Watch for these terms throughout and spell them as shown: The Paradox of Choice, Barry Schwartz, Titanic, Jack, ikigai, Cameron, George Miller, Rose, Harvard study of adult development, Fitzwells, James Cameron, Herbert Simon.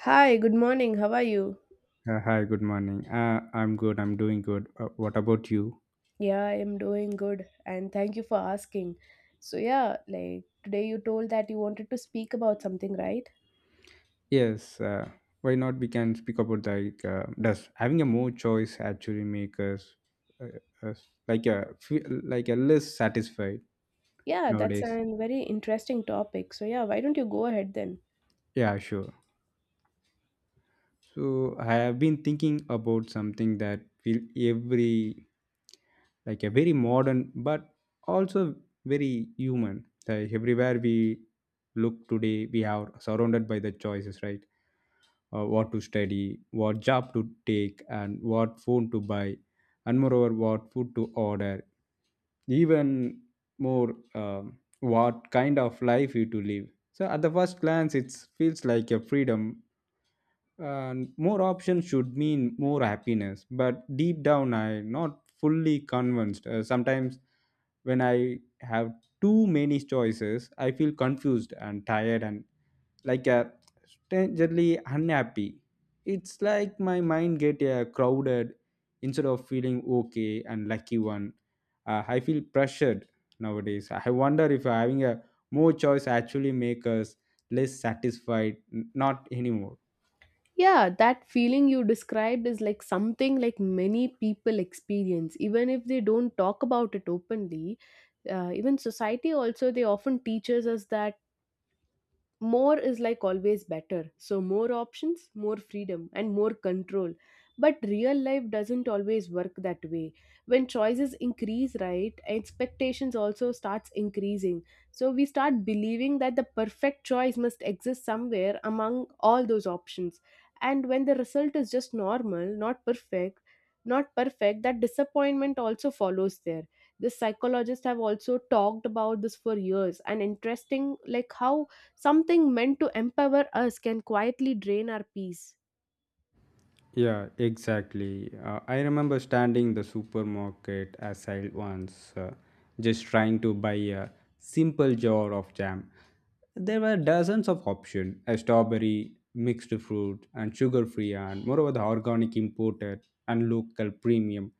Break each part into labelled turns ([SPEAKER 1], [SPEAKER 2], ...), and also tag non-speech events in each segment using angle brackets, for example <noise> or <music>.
[SPEAKER 1] Hi, good morning. How are you?
[SPEAKER 2] Hi, good morning. I'm good. I'm doing good. What about you?
[SPEAKER 1] Yeah, I am doing good and thank you for asking. So, yeah, like today you told that you wanted to speak about something, right?
[SPEAKER 2] Yes. Why not? We can speak about like does having a more choice actually make us uh, us like a like a less satisfied
[SPEAKER 1] Yeah, that's
[SPEAKER 2] nowadays?
[SPEAKER 1] a very interesting topic. So, yeah, why don't you go ahead then?
[SPEAKER 2] Yeah, sure. So I have been thinking about something that feel every like a very modern but also very human. Like everywhere we look today, we are surrounded by the choices, right? What to study, what job to take, and what phone to buy, and moreover, what food to order. Even more, what kind of life you to live. So at the first glance, it feels like a freedom and more options should mean more happiness but deep down I'm not fully convinced. Sometimes when I have too many choices I feel confused and tired and like a strangely unhappy. It's like my mind get crowded instead of feeling okay and lucky one. I feel pressured. Nowadays I wonder if having a more choice actually make us less satisfied. Not anymore.
[SPEAKER 1] Yeah, that feeling you described is like something like many people experience, even if they don't talk about it openly. Even society also, they often teaches us that more is like always better. So, more options, more freedom, and more control. But real life doesn't always work that way. When choices increase, right, expectations also starts increasing. So we start believing that the perfect choice must exist somewhere among all those options. And when the result is just normal, not perfect, that disappointment also follows there. The psychologists have also talked about this for years, and interesting like how something meant to empower us can quietly drain our peace.
[SPEAKER 2] Yeah, exactly. I remember standing in the supermarket aisle once, just trying to buy a simple jar of jam. There were dozens of options: a strawberry, mixed fruit, and sugar-free, and moreover the organic imported and local premium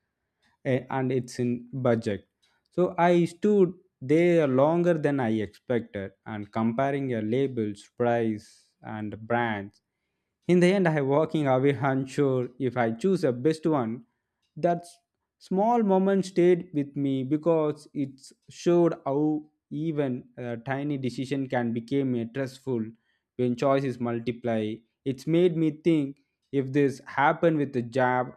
[SPEAKER 2] and it's in budget. So I stood there longer than I expected and comparing labels, price, and brands. In the end, I walking away unsure if I choose the best one. That small moment stayed with me because it showed how even a tiny decision can become a stressful when choices multiply. It's made me think if this happened with a job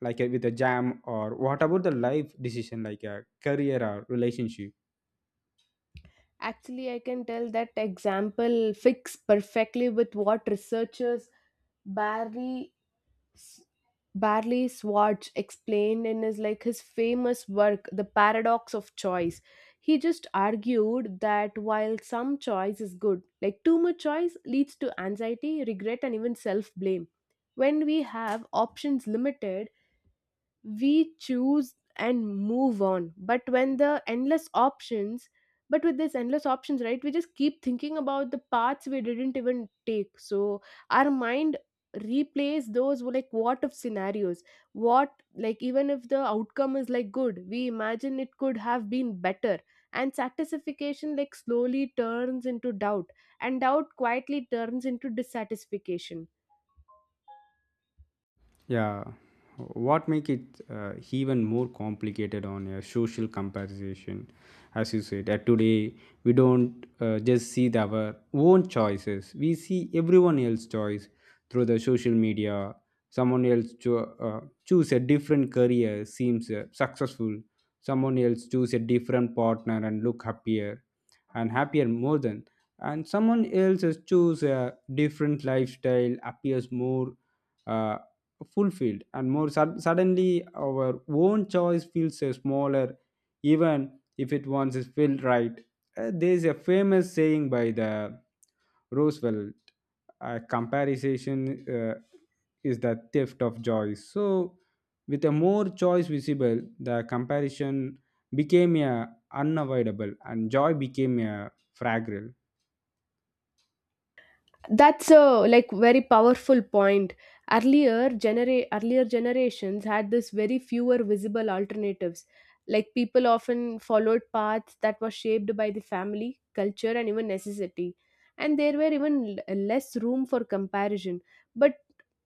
[SPEAKER 2] like with a jam or what about the life decision like a career or relationship.
[SPEAKER 1] Actually, I can tell that example fits perfectly with what researchers barely Barley Schwartz explained in his like his famous work, The Paradox of Choice. He just argued that while some choice is good, like too much choice leads to anxiety, regret, and even self-blame. When we have options limited, we choose and move on, but with this endless options, right, we just keep thinking about the paths we didn't even take. So our mind replays those like what if scenarios, what like even if the outcome is like good, we imagine it could have been better, and satisfaction like slowly turns into doubt, and doubt quietly turns into dissatisfaction.
[SPEAKER 2] Yeah, what make it even more complicated on a social comparison, as you said. That today we don't just see the, our own choices; we see everyone else's choice through the social media. Someone else choose a different career seems successful. Someone else choose a different partner and look happier, and happier more than. And someone else has choose a different lifestyle appears more uh, fulfilled and more suddenly our own choice feels smaller even if it once is felt right. There's a famous saying by the Roosevelt, comparison uh, is the theft of joy. So with a more choice visible the comparison became a unavoidable and joy became a fragile.
[SPEAKER 1] That's a like very powerful point. Earlier generations had this very fewer visible alternatives, like people often followed paths that were shaped by the family culture and even necessity, and there were even less room for comparison, but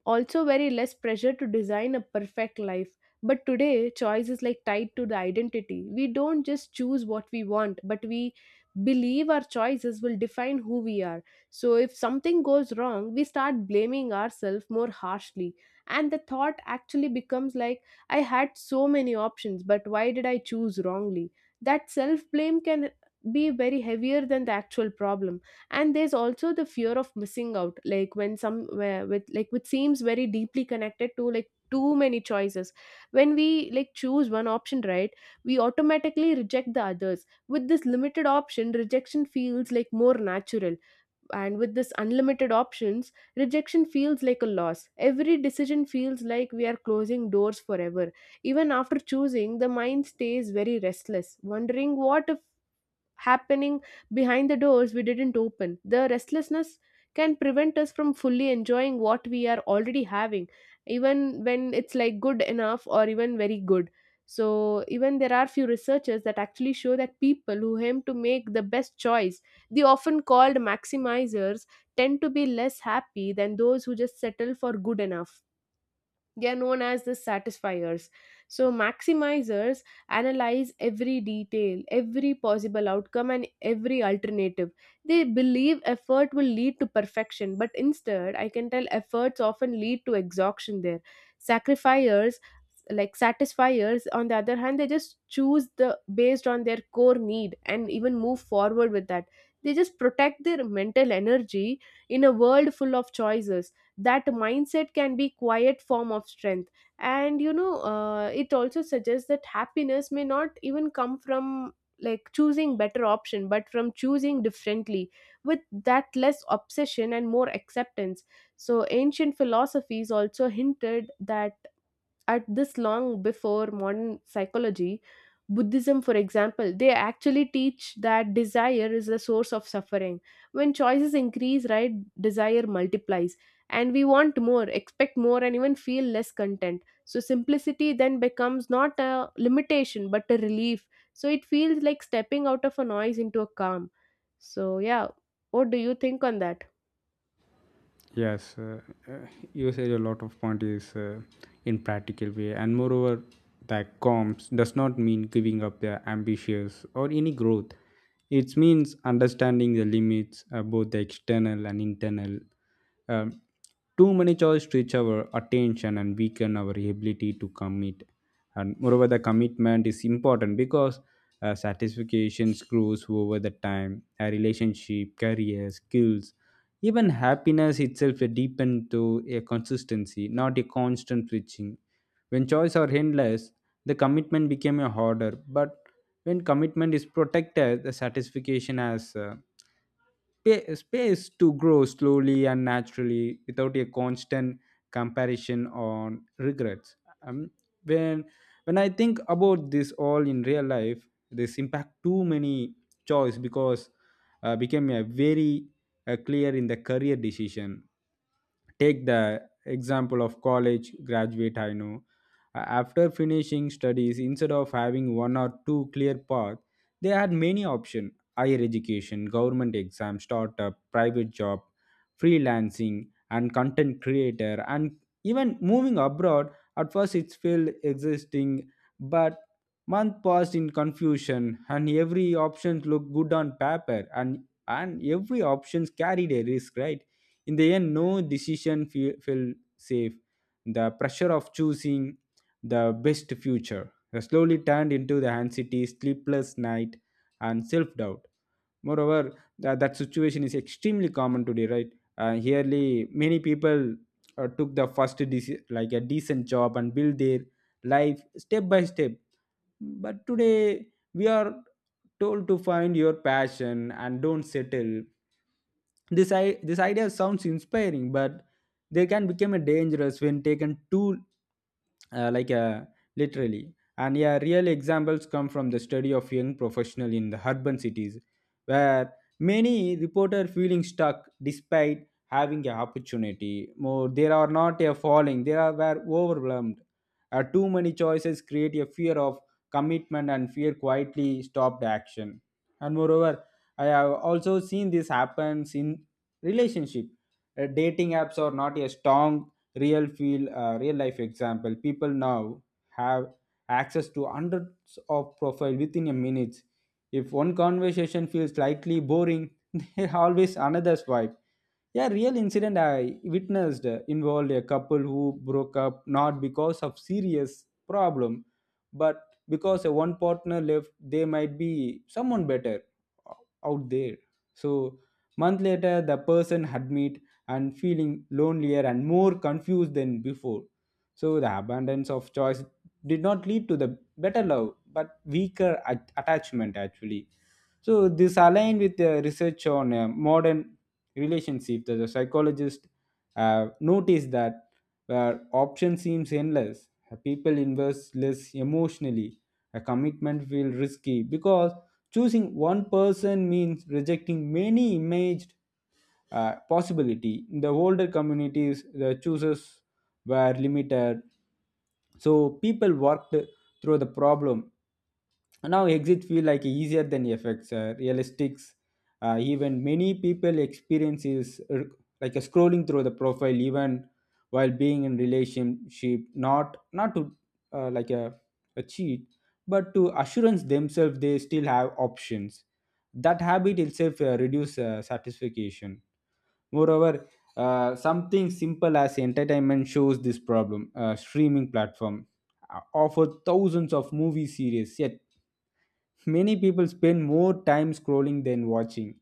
[SPEAKER 1] also very less pressure to design a perfect life. But today choice is like tied to the identity. We don't just choose what we want, but we believe our choices will define who we are. So, if something goes wrong, we start blaming ourselves more harshly. And the thought actually becomes like, I had so many options, but why did I choose wrongly? That self blame can be very heavier than the actual problem. And there's also the fear of missing out, like when some where with like which seems very deeply connected to like too many choices. When we like choose one option, right, we automatically reject the others. With this limited option, rejection feels like more natural, and with this unlimited options, rejection feels like a loss. Every decision feels like we are closing doors forever. Even after choosing, the mind stays very restless, wondering what if happening behind the doors we didn't open. The restlessness can prevent us from fully enjoying what we are already having, even when it's like good enough or even very good. So, even there are few researchers that actually show that people who aim to make the best choice, the often called maximizers, tend to be less happy than those who just settle for good enough. They are known as the satisfiers. So, maximizers analyze every detail, every possible outcome, and every alternative. They believe effort will lead to perfection, but instead, I can tell efforts often lead to exhaustion there. Sacrifiers like satisfiers on the other hand, they just choose the based on their core need and even move forward with that. They just protect their mental energy in a world full of choices. That mindset can be quiet form of strength. And you know, it also suggests that happiness may not even come from like choosing better option, but from choosing differently, with that less obsession and more acceptance. So ancient philosophies also hinted that at this long before modern psychology. Buddhism for example, they actually teach that desire is the source of suffering. When choices increase, right, desire multiplies, and we want more, expect more, and even feel less content. So simplicity then becomes not a limitation but a relief. So it feels like stepping out of a noise into a calm. So, yeah, what do you think on that?
[SPEAKER 2] Yes, uh, you said a lot of point is in practical way, and moreover, that comps does not mean giving up their ambitions or any growth. It means understanding the limits, both the external and internal. Um, too many choice stretch our attention and weaken our ability to commit. And moreover, the commitment is important because satisfaction grows over the time. A relationship, career, skills, even happiness itself depends to a consistency, not a constant switching. When choice are endless, the commitment became a harder. But when commitment is protected, the satisfaction has space to grow slowly and naturally without a constant comparison on regrets. Um, when when I think about this all in real life, this impact too many choice because became a very clear in the career decision. Take the example of college graduate I know. After finishing studies instead of having one or two clear path, they had many options: higher education, government exam, startup, private job, freelancing, and content creator, and even moving abroad. At first it felt existing, but month passed in confusion and every option looked good on paper, and every options carried a risk, right? In the end no decision felt safe. The pressure of choosing the best future has slowly turned into the anxiety, sleepless night, and self-doubt. Moreover, that situation is extremely common today, right? Yearly many people took the first like a decent job and build their life step by step. But today, we are told to find your passion and don't settle. This idea sounds inspiring, but they can become a dangerous when taken too uh, like uh, literally. And yeah, real examples come from the study of young professional in the urban cities where many reporter feeling stuck despite having an opportunity more. There are not a falling, they are were overwhelmed. Too many choices create a fear of commitment and fear quietly stopped action. And moreover, I have also seen this happens in relationship. Dating apps are not a strong real life example. People now have access to hundreds of profile within a minute. If one conversation feels slightly boring <laughs> there always another swipe. Yeah, real incident I witnessed involved a couple who broke up not because of serious problem, but because a one partner left they might be someone better o- out there. So month later the person admits and feeling lonelier and more confused than before. So the abundance of choice did not lead to the better love, but weaker attachment actually. So this aligned with the research on modern relationship that the psychologist noticed that where option seems endless, people invest less emotionally. A commitment feels risky because choosing one person means rejecting many imaged possibility. In the older communities, the choices were limited, so people worked through the problem. Now exit feel like easier than effects, realistics. Even many people experience is like a scrolling through the profile, even while being in relationship, not to uh, like a, a cheat, but to assurance themselves they still have options. That habit itself reduce satisfaction. Moreover, something simple as entertainment shows this problem. Streaming platform offer thousands of movie series, yet many people spend more time scrolling than watching.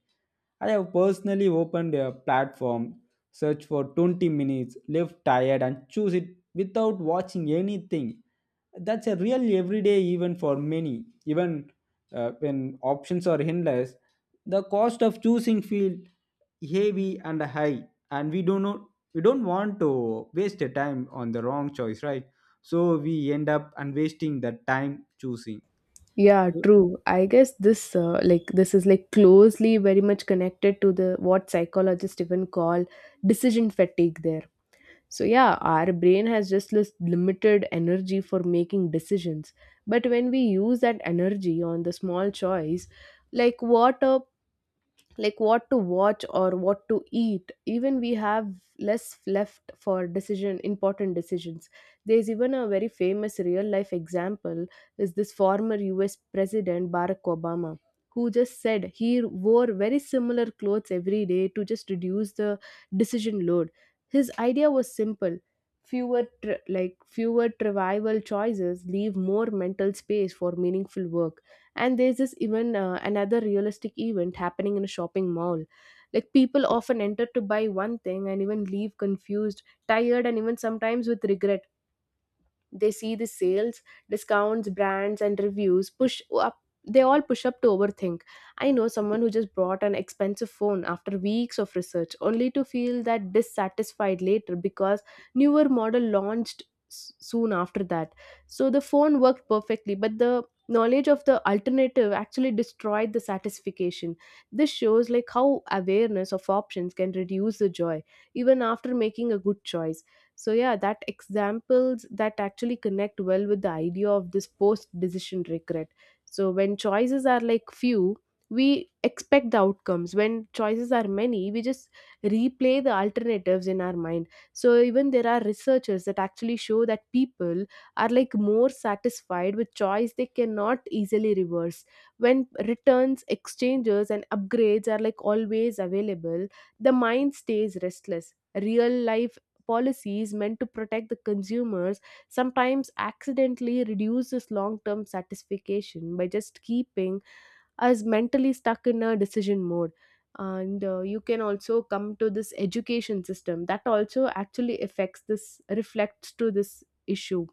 [SPEAKER 2] I have personally opened a platform, searched for 20 minutes, left tired, and choose it without watching anything. That's a real everyday event for many. Even when options are endless, the cost of choosing feel heavy and high, and we do not we don't want to waste the time on the wrong choice, right? So we end up and wasting the time choosing.
[SPEAKER 1] Yeah, true. I guess this like this is like closely very much connected to the what psychologists even call decision fatigue there. So yeah, our brain has just this limited energy for making decisions. But when we use that energy on the small choice, like what a like what to watch or what to eat, even we have less left for decision important decisions. There's even a very famous real life example, is this former US president Barack Obama, who just said he wore very similar clothes every day to just reduce the decision load. His idea was simple: fewer tr like fewer trivial choices leave more mental space for meaningful work. And there's this even another realistic event happening in a shopping mall, like people often enter to buy one thing and even leave confused, tired, and even sometimes with regret. They see the sales, discounts, brands, and reviews push up. They all push up to overthink. I know someone who just bought an expensive phone after weeks of research, only to feel that dissatisfied later because newer model launched soon after that. So the phone worked perfectly, but the knowledge of the alternative actually destroyed the satisfaction. This shows like how awareness of options can reduce the joy even after making a good choice. So yeah, that examples that actually connect well with the idea of this post decision regret. So when choices are like few, we expect the outcomes. When choices are many, we just replay the alternatives in our mind. So even there are researchers that actually show that people are like more satisfied with choice they cannot easily reverse. When returns, exchanges, and upgrades are like always available, the mind stays restless. Real life policies meant to protect the consumers sometimes accidentally reduces long term satisfaction by just keeping us mentally stuck in a decision mode. And you can also come to this education system that also actually affects this reflects to this issue.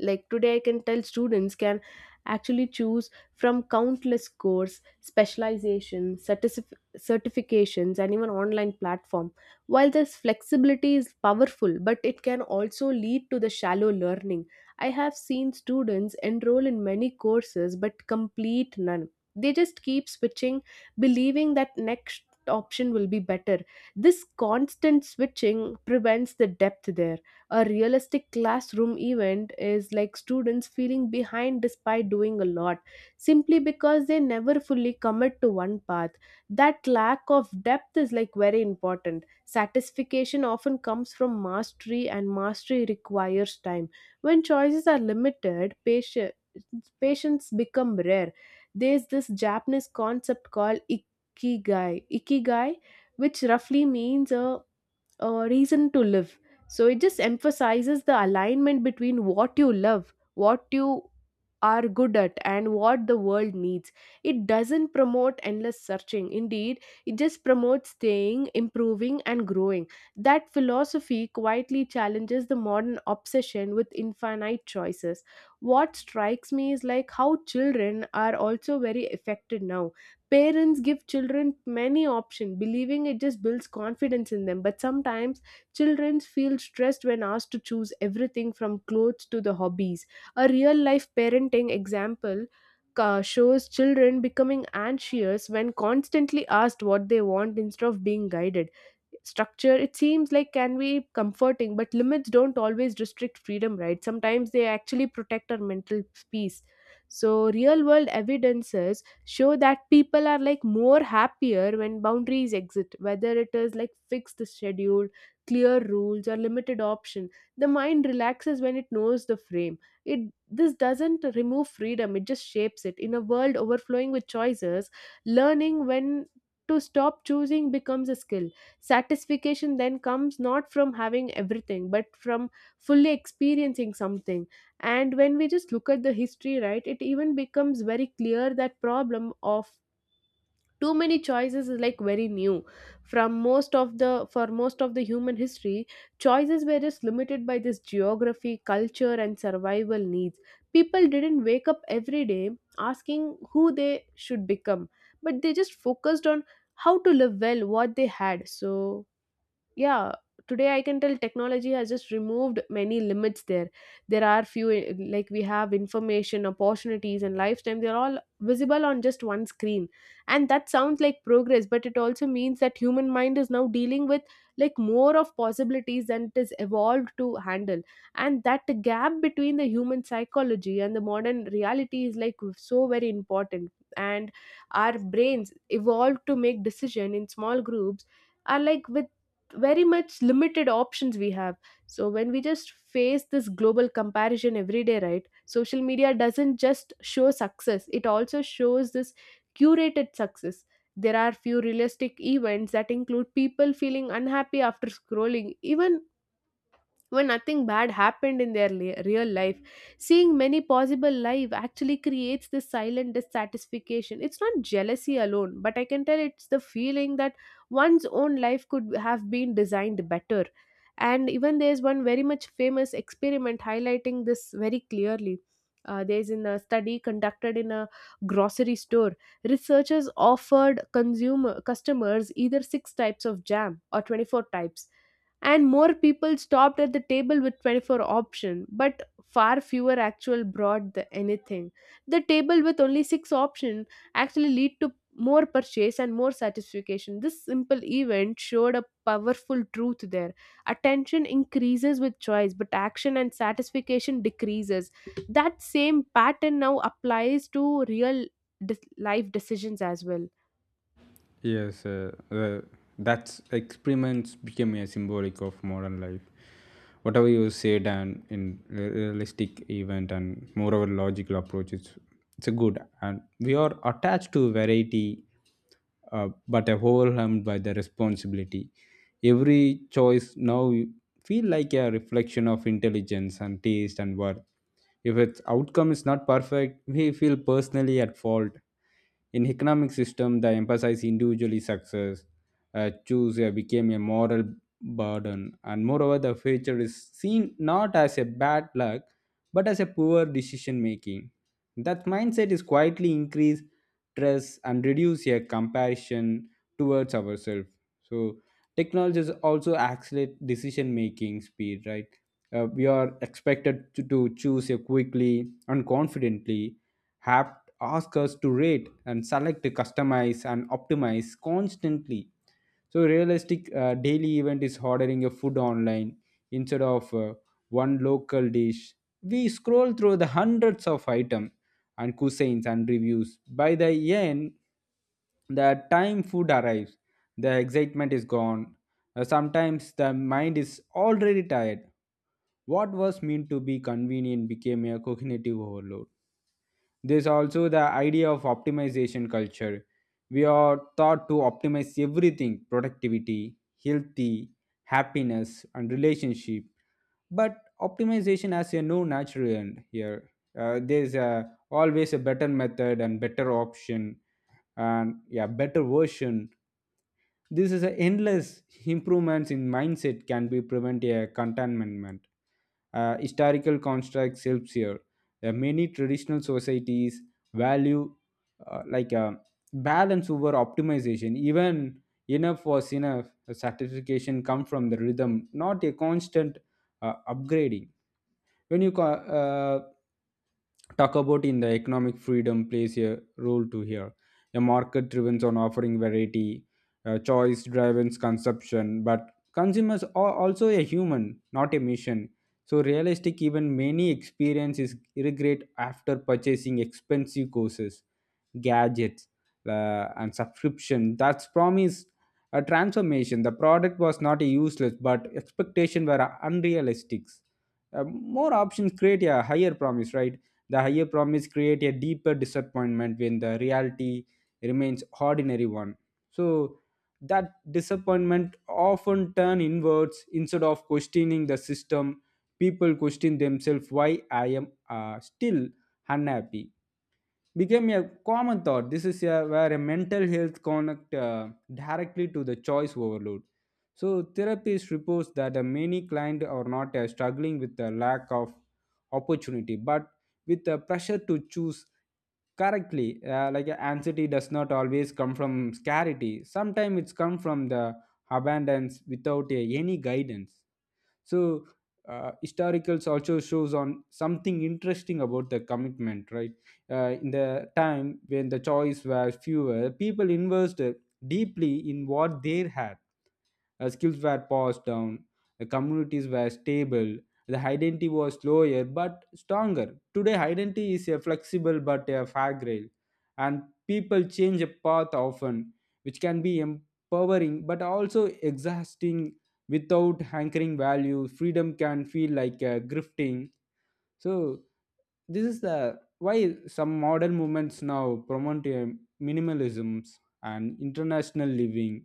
[SPEAKER 1] Like today I can tell students can actually choose from countless course specialization certifications and even online platform. While this flexibility is powerful, but it can also lead to the shallow learning. I have seen students enroll in many courses but complete none. They just keep switching, believing that next option will be better. This constant switching prevents the depth there. A realistic classroom event is like students feeling behind despite doing a lot, simply because they never fully commit to one path. That lack of depth is like very important. Satisfaction often comes from mastery, and mastery requires time. When choices are limited, patience patients become rare. There's this Japanese concept called ikigai, which roughly means a reason to live. So it just emphasizes the alignment between what you love, what you are good at, and what the world needs. It doesn't promote endless searching. Indeed, it just promotes staying, improving, and growing. That philosophy quietly challenges the modern obsession with infinite choices. What strikes me is like how children are also very affected now. Parents give children many options, believing it just builds confidence in them. But sometimes children feel stressed when asked to choose everything from clothes to the hobbies. A real life parenting example shows children becoming anxious when constantly asked what they want instead of being guided. Structure it seems like can be comforting, but limits don't always restrict freedom, right? Sometimes they actually protect our mental peace. So real world evidences show that people are like more happier when boundaries exist, whether it is like fixed schedule, clear rules, or limited option. The mind relaxes when it knows the frame. It this doesn't remove freedom, it just shapes it. In a world overflowing with choices, learning when to stop choosing becomes a skill. Satisfaction then comes not from having everything, but from fully experiencing something. And when we just look at the history, right, it even becomes very clear that problem of too many choices is like very new. From most of the human history, choices were just limited by this geography, culture, and survival needs. People didn't wake up every day asking who they should become, but they just focused on how to live well what they had. So yeah, today I can tell technology has just removed many limits there. There are few like we have information, opportunities, and lifetime, they're all visible on just one screen. And that sounds like progress, but it also means that human mind is now dealing with like more of possibilities than it is evolved to handle. And that gap between the human psychology and the modern reality is like so very important. And our brains evolved to make decision In small groups, are like with very much limited options we have. So when we just face this global comparison every day, right, social media doesn't just show success, it also shows this curated success. There are few realistic events that include people feeling unhappy after scrolling even when nothing bad happened in their real life. Seeing many possible life actually creates this silent dissatisfaction. It's not jealousy alone, but I can tell it's the feeling that one's own life could have been designed better. And even there's one very much famous experiment highlighting this very clearly. There's in a study conducted in a grocery store, researchers offered consumer customers either six types of jam or 24 types, and more people stopped at the table with 24 option, but far fewer actual brought the anything. The table with only 6 option actually lead to more purchase and more satisfaction. This simple event showed a powerful truth there. Attention increases with choice, but action and satisfaction decreases. That same pattern now applies to real life decisions as well.
[SPEAKER 2] Yes, That's experiments became a symbolic of modern life. Whatever you said and in realistic event and moreover logical approach, it's a good and we are attached to variety, but overwhelmed by the responsibility. Every choice now feel like a reflection of intelligence and taste and worth. If its outcome is not perfect we feel personally at fault. In economic system, the emphasize individually success, choose became a moral burden, and moreover, the future is seen not as a bad luck but as a poor decision making. That mindset is quietly increase stress and reduce a comparison towards ourselves. So technology is also accelerate decision making speed, right? We are expected to choose a quickly and confidently, have ask us to rate and select, customize and optimize constantly. So realistic daily event is ordering a food online instead of one local dish. We scroll through the hundreds of items and cuisines and reviews. By the end the time food arrives the excitement is gone. Sometimes the mind is already tired. What was meant to be convenient became a cognitive overload. There's also the idea of optimization culture. We are taught to optimize everything: productivity, healthy, happiness, and relationship. But optimization has a no natural end here. Always a better method and better option and yeah, better version. This is an endless improvements in mindset can be prevent a contentment. Historical constructs helps here. Many traditional societies value uh, like uh, balance over optimization. Even enough was enough. The certification come from the rhythm, not a constant upgrading. When you talk about in the economic freedom plays a role to here. A market driven on offering variety, choice driven consumption, but consumers are also a human not a machine. So realistic even many experiences regret after purchasing expensive courses, gadgets, and subscription that's promised a transformation. The product was not useless but expectation were unrealistic. Uh, more options create a higher promise, right? The higher promise create a deeper disappointment when the reality remains ordinary one. So that disappointment often turn inwards. Instead of questioning the system, people question themselves. Why I am still unhappy became a common thought. This is a, where a mental health connect directly to the choice overload. So therapists reports that many clients are not struggling with the lack of opportunity, but with the pressure to choose correctly. Anxiety does not always come from scarcity. Sometimes it's come from the abundance without any guidance. So historicals also shows on something interesting about the commitment, right? In the time when the choice was fewer, people invested deeply in what they had. Skills were passed down, the communities were stable, the identity was slower but stronger. Today, identity is a flexible but a fragile, and people change a path often, which can be empowering but also exhausting without anchoring value. Freedom can feel like grifting. So, this is the why some modern movements now promote minimalisms and international living.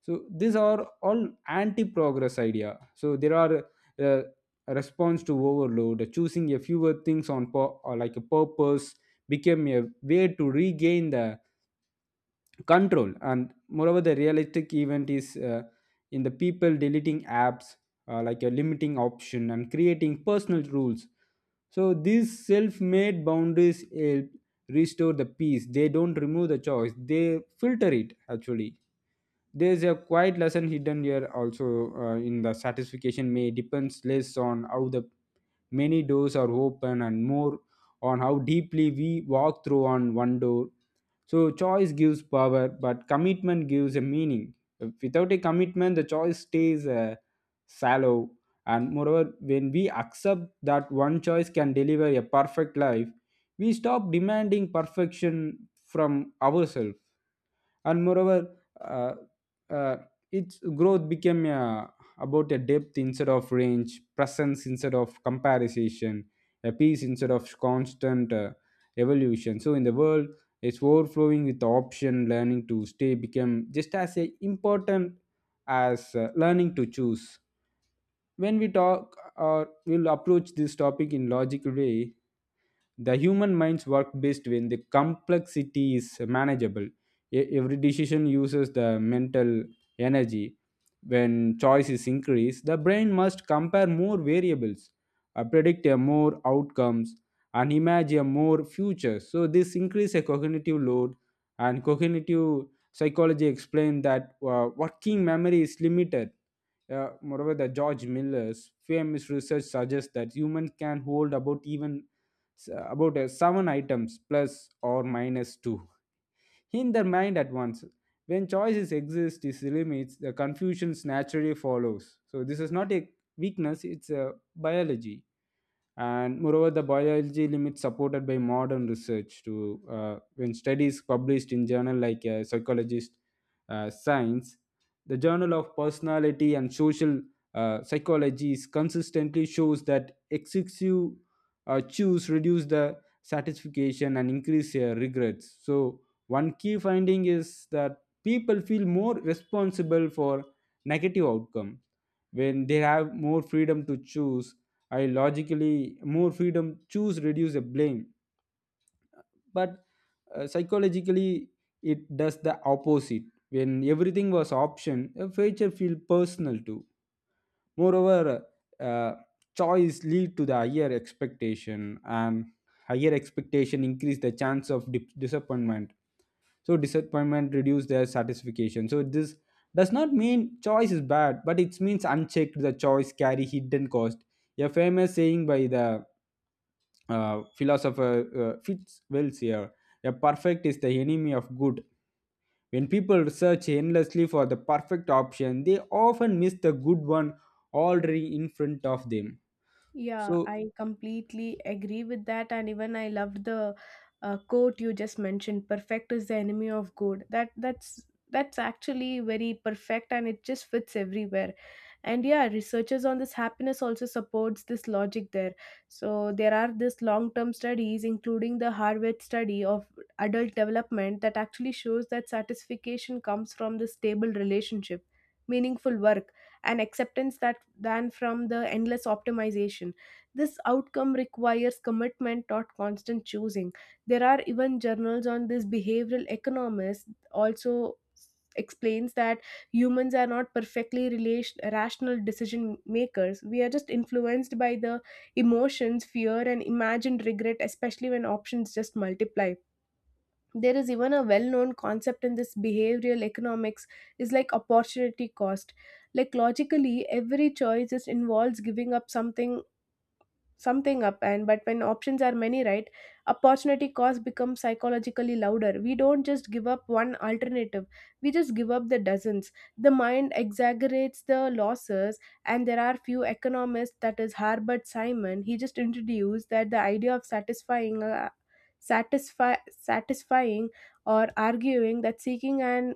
[SPEAKER 2] So these are all anti-progress idea, so there are uh, response to overload. Choosing a fewer things on or like a purpose became a way to regain the control. And moreover, the realistic event is in the people deleting apps, like a limiting option and creating personal rules. So these self-made boundaries help restore the peace. They don't remove the choice, they filter it. Actually, there's a quiet lesson hidden here also, in the satisfaction may depends less on how the many doors are open and more on how deeply we walk through on one door. So choice gives power, but commitment gives a meaning. Without a commitment, the choice stays shallow. And moreover, when we accept that one choice can deliver a perfect life, we stop demanding perfection from ourselves. And moreover, uh, its growth became about a depth instead of range, presence instead of comparison, a peace instead of constant evolution. So in the world it's overflowing with option, learning to stay became just as a important as learning to choose. When we talk or we'll approach this topic in logical way, the human minds work best when the complexity is manageable. Every decision uses the mental energy. When choice is increased, the brain must compare more variables, predict a more outcomes, and imagine more futures. So this increase a cognitive load, and cognitive psychology explained that working memory is limited. Moreover, the George Miller's famous research suggests that humans can hold about even about seven items plus or minus two in their mind at once. When choices exist, is limits the confusions naturally follows. So this is not a weakness; it's a biology. And moreover, the biology limits supported by modern research to when studies published in journal like psychologist science, the journal of personality and social psychology is consistently shows that excessive choose reduce the satisfaction and increase regrets. So one key finding is that people feel more responsible for negative outcome when they have more freedom to choose. I logically more freedom choose reduce the blame, but psychologically it does the opposite. When everything was option, a future feel personal too. Moreover, uh, choice lead to the higher expectation, and higher expectation increase the chance of disappointment. So disappointment reduce their satisfaction. So this does not mean choice is bad, but it means unchecked the choice carry hidden cost. A famous saying by the philosopher Fitzwells here. A perfect is the enemy of good. When people search endlessly for the perfect option, they often miss the good one already in front of them.
[SPEAKER 1] Yeah,
[SPEAKER 2] So
[SPEAKER 1] I completely agree with that. And even I loved the quote you just mentioned, perfect is the enemy of good. That's that's actually very perfect and it just fits everywhere. And yeah, researchers on this happiness also supports this logic there. So there are this long-term studies, including the Harvard study of adult development that actually shows that satisfaction comes from the stable relationship, meaningful work, and acceptance that than from the endless optimization. This outcome requires commitment, not constant choosing. There are even journals on this behavioral economists also explains that humans are not perfectly relation, rational decision makers. We are just influenced by the emotions, fear, and imagined regret, especially when options just multiply. There is even a well-known concept in this behavioral economics is like opportunity cost. Like logically every choice is involves giving up something, something up, and but when options are many, right, opportunity cost becomes psychologically louder. We don't just give up one alternative, we just give up the dozens. The mind exaggerates the losses. And there are few economists, that is Harbert Simon, he just introduced that the idea of satisfying, satisfying, or arguing that seeking an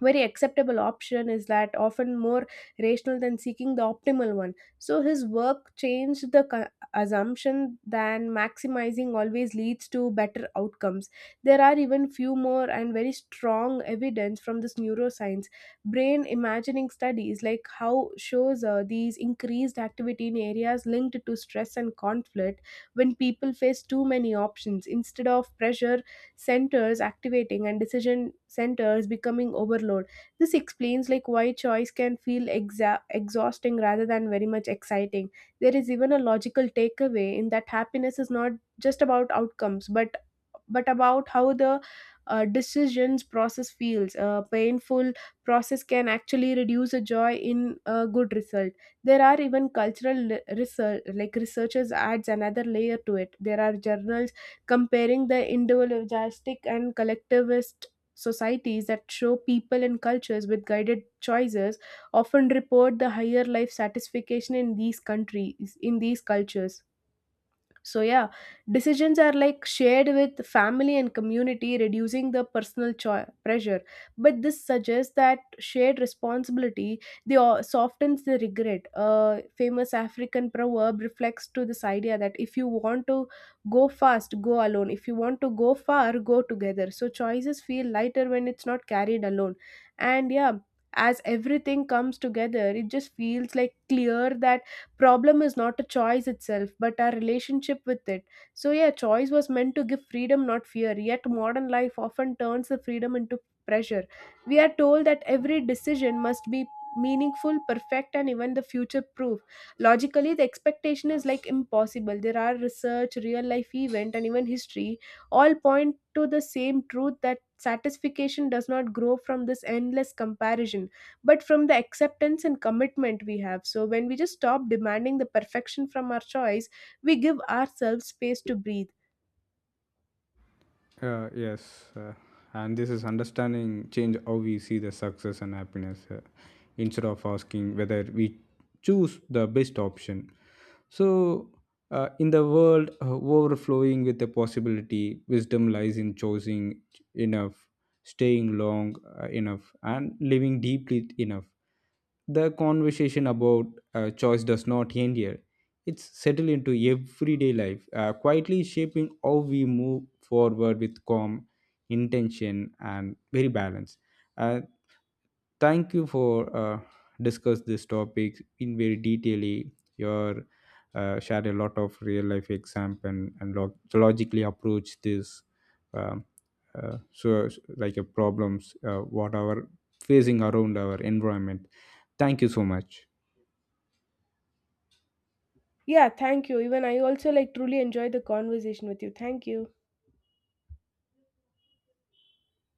[SPEAKER 1] very acceptable option is that often more rational than seeking the optimal one. So his work changed the assumption than maximizing always leads to better outcomes. There are even few more and very strong evidence from this neuroscience. Brain imagining studies like how shows these increased activity in areas linked to stress and conflict. When people face too many options, instead of pressure centers activating and decision centers becoming overload, this explains like why choice can feel exhausting rather than very much exciting. There is even a logical takeaway in that happiness is not just about outcomes, but about how the decisions process feels. A painful process can actually reduce a joy in a good result. There are even cultural research, like researchers adds another layer to it. There are journals comparing the individualistic and collectivist societies that show people and cultures with guided choices often report the higher life satisfaction in these countries, in these cultures. So, yeah, decisions are like shared with family and community, reducing the personal pressure. But this suggests that shared responsibility they softens the regret. A famous African proverb reflects to this idea that if you want to go fast, go alone. If you want to go far, go together. So choices feel lighter when it's not carried alone. And yeah, as everything comes together, it just feels like clear that problem is not a choice itself, but our relationship with it. So yeah, choice was meant to give freedom, not fear, yet modern life often turns the freedom into pressure. We are told that every decision must be meaningful, perfect, and even the future proof. Logically the expectation is like impossible. There are research, real life event, and even history all point to the same truth, that satisfaction does not grow from this endless comparison, but from the acceptance and commitment we have. So when we just stop demanding the perfection from our choice, we give ourselves space to breathe.
[SPEAKER 2] uh, yes, uh, and this is understanding change how we see the success and happiness, instead of asking whether we choose the best option. So, in the world overflowing with the possibility, wisdom lies in choosing enough, staying long enough, and living deeply enough. The conversation about choice does not end here. It's settled into everyday life, quietly shaping how we move forward with calm intention and very balance. Uh, Thank you for discuss this topic in very detailly. Your shared a lot of real life example, and logically approach this. Um, so like problems, what are facing around our environment. Thank you so much.
[SPEAKER 1] Yeah, thank you. Even I also like truly enjoy the conversation with you. Thank you.